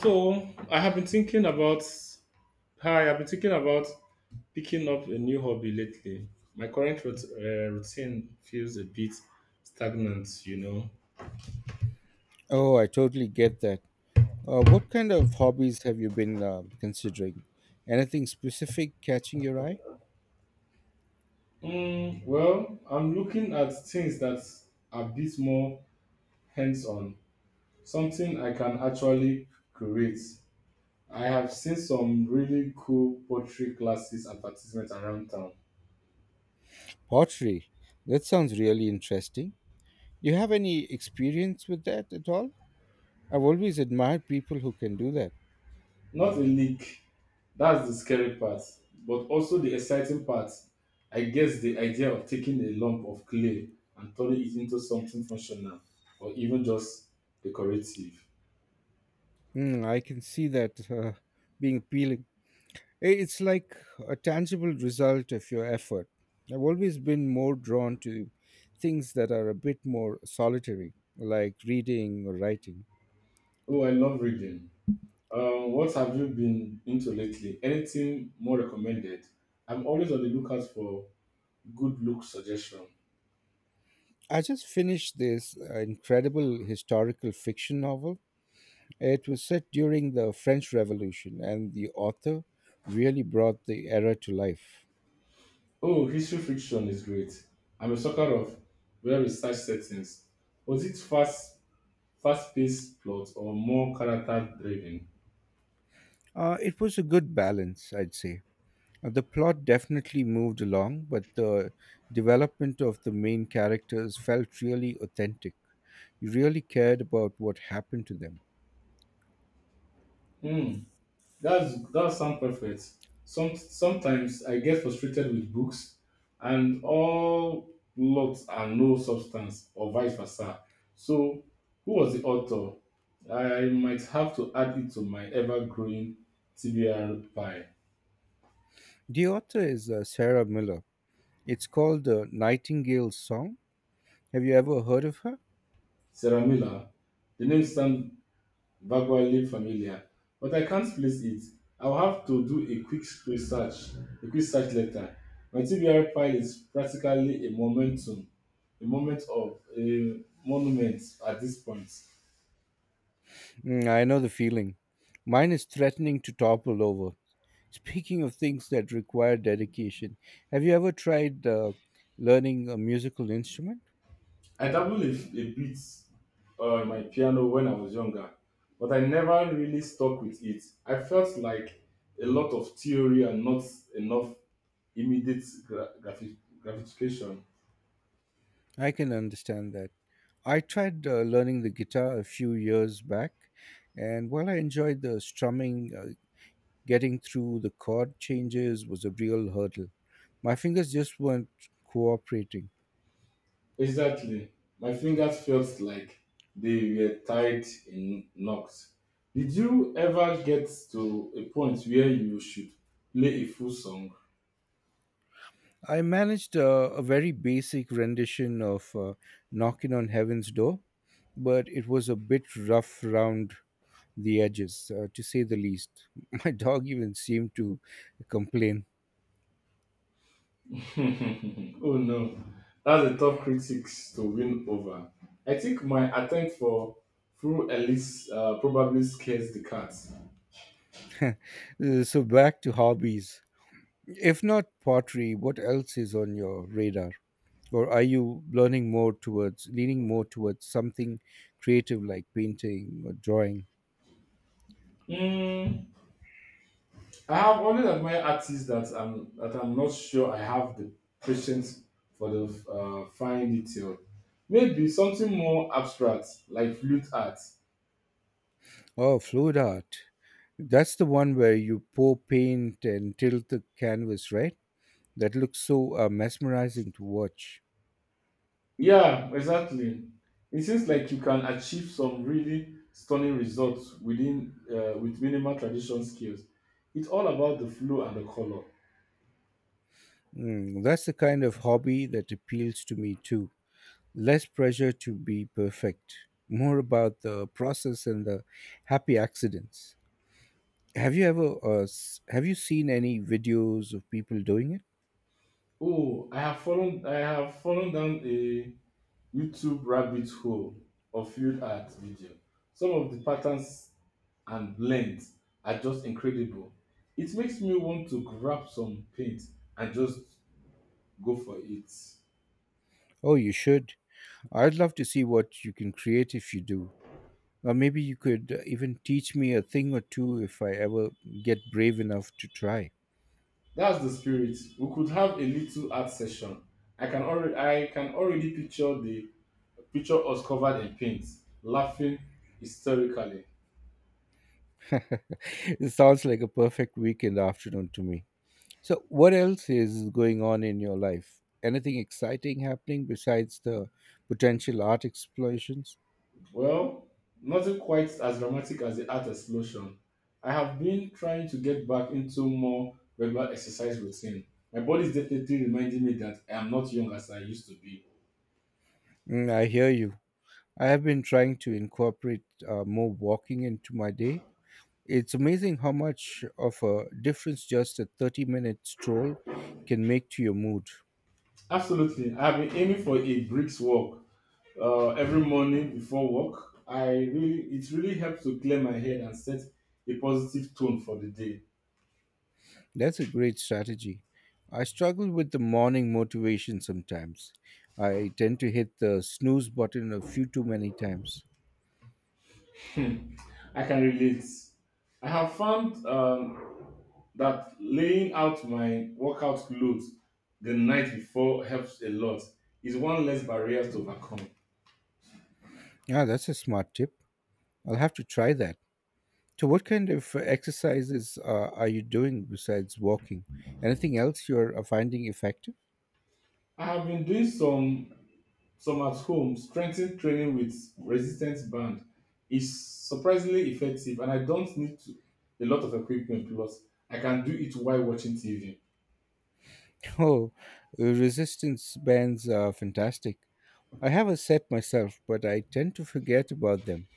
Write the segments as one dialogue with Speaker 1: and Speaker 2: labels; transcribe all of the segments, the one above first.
Speaker 1: So I have been thinking about hi. I've been thinking about picking up a new hobby lately. My current routine feels a bit stagnant, you know.
Speaker 2: Oh, I totally get that. What kind of hobbies have you been considering? Anything specific catching your eye?
Speaker 1: Mm, well, I'm looking at things that are a bit more hands-on, something I can actually create. I have seen some really cool pottery classes advertisements around town.
Speaker 2: Pottery. That sounds really interesting. Do you have any experience with that at all? I've always admired people who can do that.
Speaker 1: Not a leak. That's the scary part, but also the exciting part. I guess the idea of taking a lump of clay and turning it into something functional or even just decorative.
Speaker 2: Mm, I can see that being appealing. It's like a tangible result of your effort. I've always been more drawn to things that are a bit more solitary, like reading or writing.
Speaker 1: Oh, I love reading. What have you been into lately? Anything more recommended? I'm always on the lookout for good look suggestion.
Speaker 2: I just finished this incredible historical fiction novel. It was set during the French Revolution, and the author really brought the era to life.
Speaker 1: Oh, history fiction is great. I'm a sucker of well researched settings. Was it fast-paced plot or more character-driven?
Speaker 2: It was a good balance, I'd say. The plot definitely moved along, but the development of the main characters felt really authentic. You really cared about what happened to them.
Speaker 1: Hmm, that sounds perfect. Sometimes I get frustrated with books, and all plots are no substance, or vice versa. So, who was the author? I might have to add it to my ever-growing TBR pie.
Speaker 2: The author is Sarah Miller. It's called The Nightingale's Song. Have you ever heard of her?
Speaker 1: Sarah Miller. The name sounds vaguely familiar, but I can't place it. I'll have to do a quick search later. My TBR file is practically a moment of a monument at this point.
Speaker 2: Mm, I know the feeling. Mine is threatening to topple over. Speaking of things that require dedication, have you ever tried learning a musical instrument?
Speaker 1: I dabbled a bit on my piano when I was younger, but I never really stuck with it. I felt like a lot of theory and not enough immediate gratification.
Speaker 2: I can understand that. I tried learning the guitar a few years back, and while I enjoyed the strumming, getting through the chord changes was a real hurdle. My fingers just weren't cooperating.
Speaker 1: Exactly. My fingers felt like they were tied in knots. Did you ever get to a point where you should play a full song?
Speaker 2: I managed a very basic rendition of Knocking on Heaven's Door, but it was a bit rough round the edges, to say the least. My dog even seemed to complain.
Speaker 1: Oh no, that's a tough critics to win over. I think my attempt for full Elise probably scares the cats.
Speaker 2: So, back to hobbies. If not pottery, what else is on your radar? Or are you leaning more towards something creative like painting or drawing?
Speaker 1: Hmm. I have always admired artists that I'm not sure I have the patience for the fine detail. Maybe something more abstract like flute art.
Speaker 2: Oh, fluid art. That's the one where you pour paint and tilt the canvas, right? That looks so mesmerizing to watch.
Speaker 1: Yeah, exactly. It seems like you can achieve some really stunning results with minimal traditional skills. It's all about the flow and the color.
Speaker 2: Mm, that's the kind of hobby that appeals to me too. Less pressure to be perfect, more about the process and the happy accidents. Have you have you seen any videos of people doing it?
Speaker 1: Oh, I have fallen down a YouTube rabbit hole of field art video. Some of the patterns and length are just incredible. It makes me want to grab some paint and just go for it.
Speaker 2: Oh, you should. I'd love to see what you can create if you do. Or maybe you could even teach me a thing or two if I ever get brave enough to try.
Speaker 1: That's the spirit. We could have a little art session. I can already picture us covered in paint, laughing hysterically.
Speaker 2: It sounds like a perfect weekend afternoon to me. So, what else is going on in your life? Anything exciting happening besides the potential art explorations?
Speaker 1: Well, nothing quite as dramatic as the art explosion. I have been trying to get back into more regular exercise routine. My body is definitely reminding me that I am not young as I used to be.
Speaker 2: Mm, I hear you. I have been trying to incorporate more walking into my day. It's amazing how much of a difference just a 30-minute minute stroll can make to your mood.
Speaker 1: Absolutely. I've been aiming for a brisk walk every morning before work. It really helps to clear my head and set a positive tone for the day.
Speaker 2: That's a great strategy. I struggle with the morning motivation sometimes. I tend to hit the snooze button a few too many times.
Speaker 1: I can relate. I have found that laying out my workout clothes the night before helps a lot. It's one less barrier to overcome.
Speaker 2: Yeah, that's a smart tip. I'll have to try that. So, what kind of exercises are you doing besides walking? Anything else you're finding effective?
Speaker 1: I have been doing some at home, strength training with resistance band is surprisingly effective, and I don't need to, a lot of equipment because I can do it while watching TV.
Speaker 2: Oh, resistance bands are fantastic. I have a set myself, but I tend to forget about them.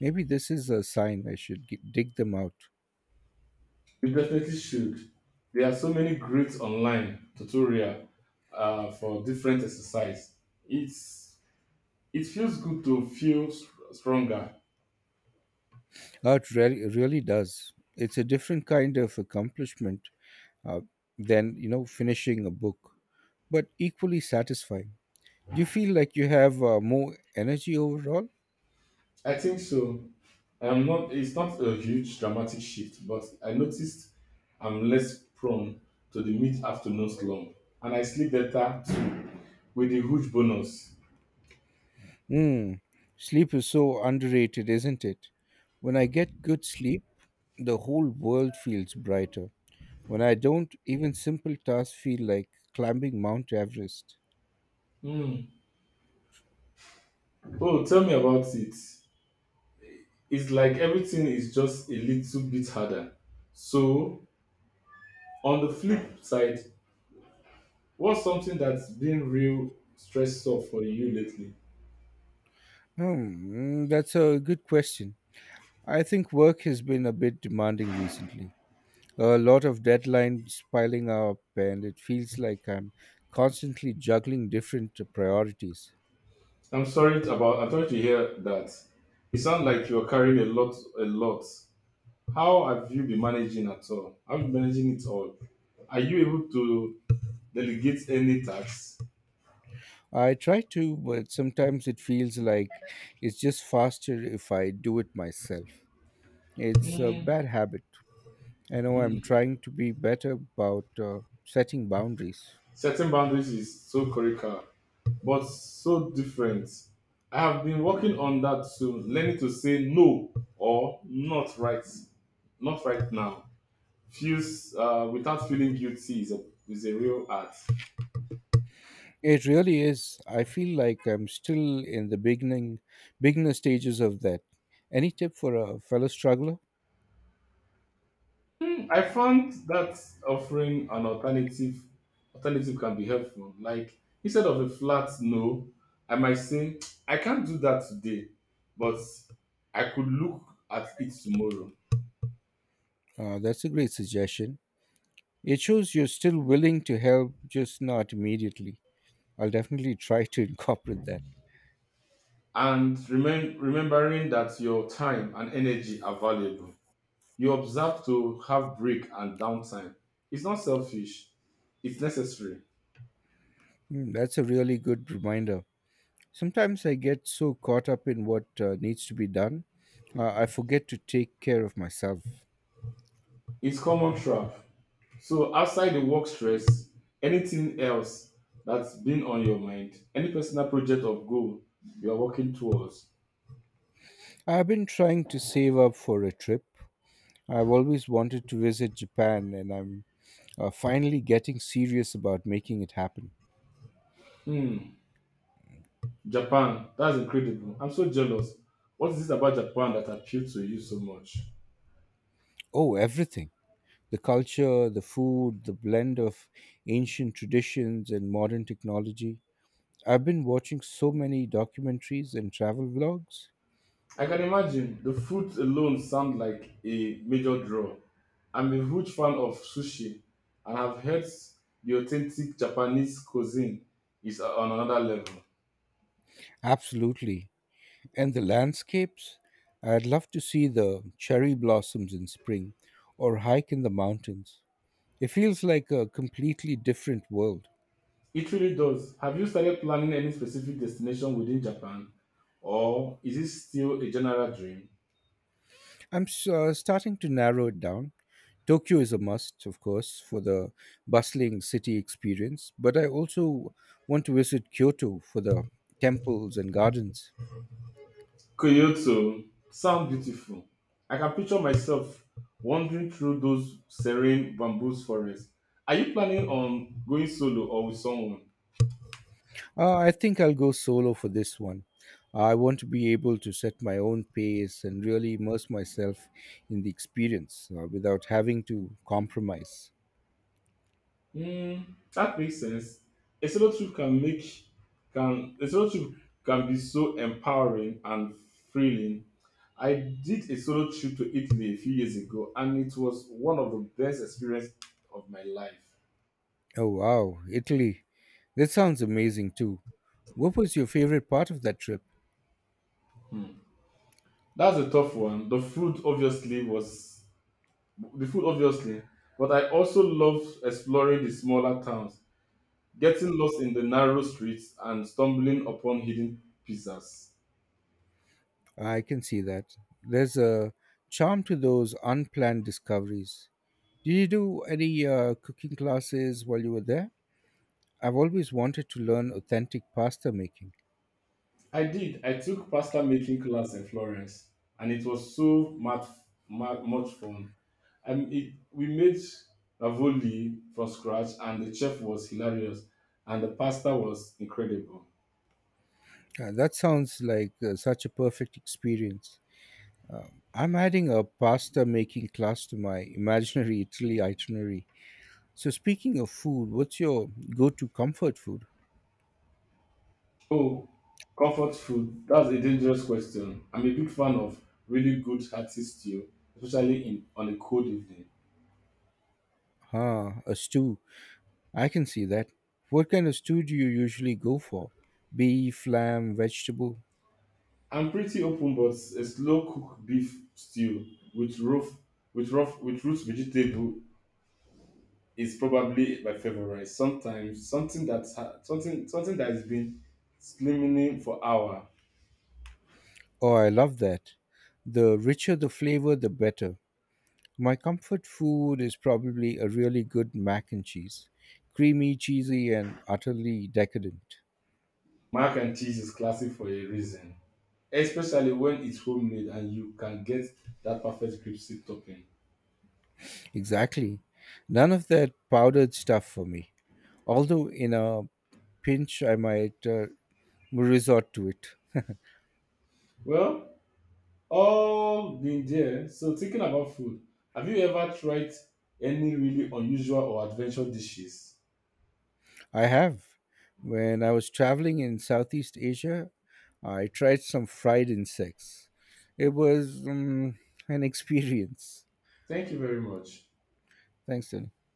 Speaker 2: Maybe this is a sign I dig them out.
Speaker 1: You definitely should. There are so many great online tutorial for different exercise. It's it feels good to feel stronger.
Speaker 2: Oh, it really, really does. It's a different kind of accomplishment uh, than finishing a book, but equally satisfying. Do you feel like you have more energy overall?
Speaker 1: I think so. I'm not. It's not a huge dramatic shift, but I noticed I'm less prone to the mid-afternoon slump, and I sleep better too, with a huge bonus.
Speaker 2: Mm, sleep is so underrated, isn't it? When I get good sleep, the whole world feels brighter. When I don't, even simple tasks feel like climbing Mount Everest.
Speaker 1: Hmm. Oh, tell me about it. It's like everything is just a little bit harder. So, on the flip side, what's something that's been real stressful for you lately?
Speaker 2: That's a good question. I think work has been a bit demanding recently. A lot of deadlines piling up, and it feels like I'm constantly juggling different priorities.
Speaker 1: I'm sorry about. I'm sorry to hear that. It sounds like you're carrying a lot. How have you been managing at all? How you managing it all? Are you able to delegate any tasks?
Speaker 2: I try to, but sometimes it feels like it's just faster if I do it myself. It's a
Speaker 1: Mm,
Speaker 2: bad habit. I know. I'm
Speaker 1: mm.
Speaker 2: trying to be better about setting boundaries.
Speaker 1: Setting boundaries is so critical, but so different. I have been working on that too, learning to say no or not right, not right now. Feels without feeling guilty is a real art.
Speaker 2: It really is. I feel like I'm still in the beginning beginner stages of that. Any tip for a fellow struggler?
Speaker 1: I found that offering an alternative alternative can be helpful. Like instead of a flat no, I might say I can't do that today, but I could look at it tomorrow.
Speaker 2: That's a great suggestion. It shows you're still willing to help, just not immediately. I'll definitely try to incorporate that.
Speaker 1: And remembering that your time and energy are valuable. You observe to have break and downtime. It's not selfish, it's necessary.
Speaker 2: Mm, that's a really good reminder. Sometimes I get so caught up in what needs to be done, I forget to take care of myself.
Speaker 1: It's common trap. So outside the work stress, anything else that's been on your mind, any personal project or goal you are working towards?
Speaker 2: I've been trying to save up for a trip. I've always wanted to visit Japan, and I'm finally getting serious about making it happen.
Speaker 1: Hmm, Japan, that's incredible. I'm so jealous. What is it about Japan that appealed to you so much?
Speaker 2: Oh, everything: the culture, the food, the blend of ancient traditions and modern technology. I've been watching so many documentaries and travel vlogs.
Speaker 1: I can imagine the food alone sounds like a major draw. I'm a huge fan of sushi and have heard the authentic Japanese cuisine is on another level.
Speaker 2: Absolutely. And the landscapes? I'd love to see the cherry blossoms in spring or hike in the mountains. It feels like a completely different world.
Speaker 1: It really does. Have you started planning any specific destination within Japan, or is it still a general dream?
Speaker 2: Starting to narrow it down. Tokyo is a must, of course, for the bustling city experience, but I also want to visit Kyoto for the temples and gardens.
Speaker 1: Kyoto sound beautiful. I can picture myself wandering through those serene bamboo forests. Are you planning on going solo or with someone?
Speaker 2: I think I'll go solo for this one. I want to be able to set my own pace and really immerse myself in the experience without having to compromise.
Speaker 1: Mm, that makes sense. A solo trip can make can a solo trip can be so empowering and thrilling. I did a solo trip to Italy a few years ago, and it was one of the best experiences of my life.
Speaker 2: Oh, wow, Italy. That sounds amazing too. What was your favorite part of that trip?
Speaker 1: Hmm. That's a tough one. The food obviously, but I also loved exploring the smaller towns, getting lost in the narrow streets, and stumbling upon hidden pizzas.
Speaker 2: I can see that. There's a charm to those unplanned discoveries. Did you do any cooking classes while you were there? I've always wanted to learn authentic pasta making.
Speaker 1: I did. I took pasta making class in Florence, and it was so much fun. We made ravioli from scratch, and the chef was hilarious, and the pasta was incredible.
Speaker 2: That sounds like such a perfect experience. I'm adding a pasta making class to my imaginary Italy itinerary. So, speaking of food, what's your go to comfort food?
Speaker 1: Oh, comfort food. That's a dangerous question. I'm a big fan of really good hearty stew, especially in on a cold evening.
Speaker 2: Ah, a stew. I can see that. What kind of stew do you usually go for? Beef, lamb, vegetable?
Speaker 1: I'm pretty open, but a slow cooked beef stew with root vegetable is probably my favorite. Sometimes something that has been slimming for hour.
Speaker 2: Oh, I love that. The richer the flavor, the better. My comfort food is probably a really good mac and cheese. Creamy, cheesy, and utterly decadent.
Speaker 1: Mac and cheese is classic for a reason, especially when it's homemade and you can get that perfect crispy topping.
Speaker 2: Exactly. None of that powdered stuff for me. Although, in a pinch, I might resort to it.
Speaker 1: Well, all been there. So thinking about food, have you ever tried any really unusual or adventure dishes?
Speaker 2: I have. When I was traveling in Southeast Asia, I tried some fried insects. It was an experience.
Speaker 1: Thank you very much.
Speaker 2: Thanks, Dylan.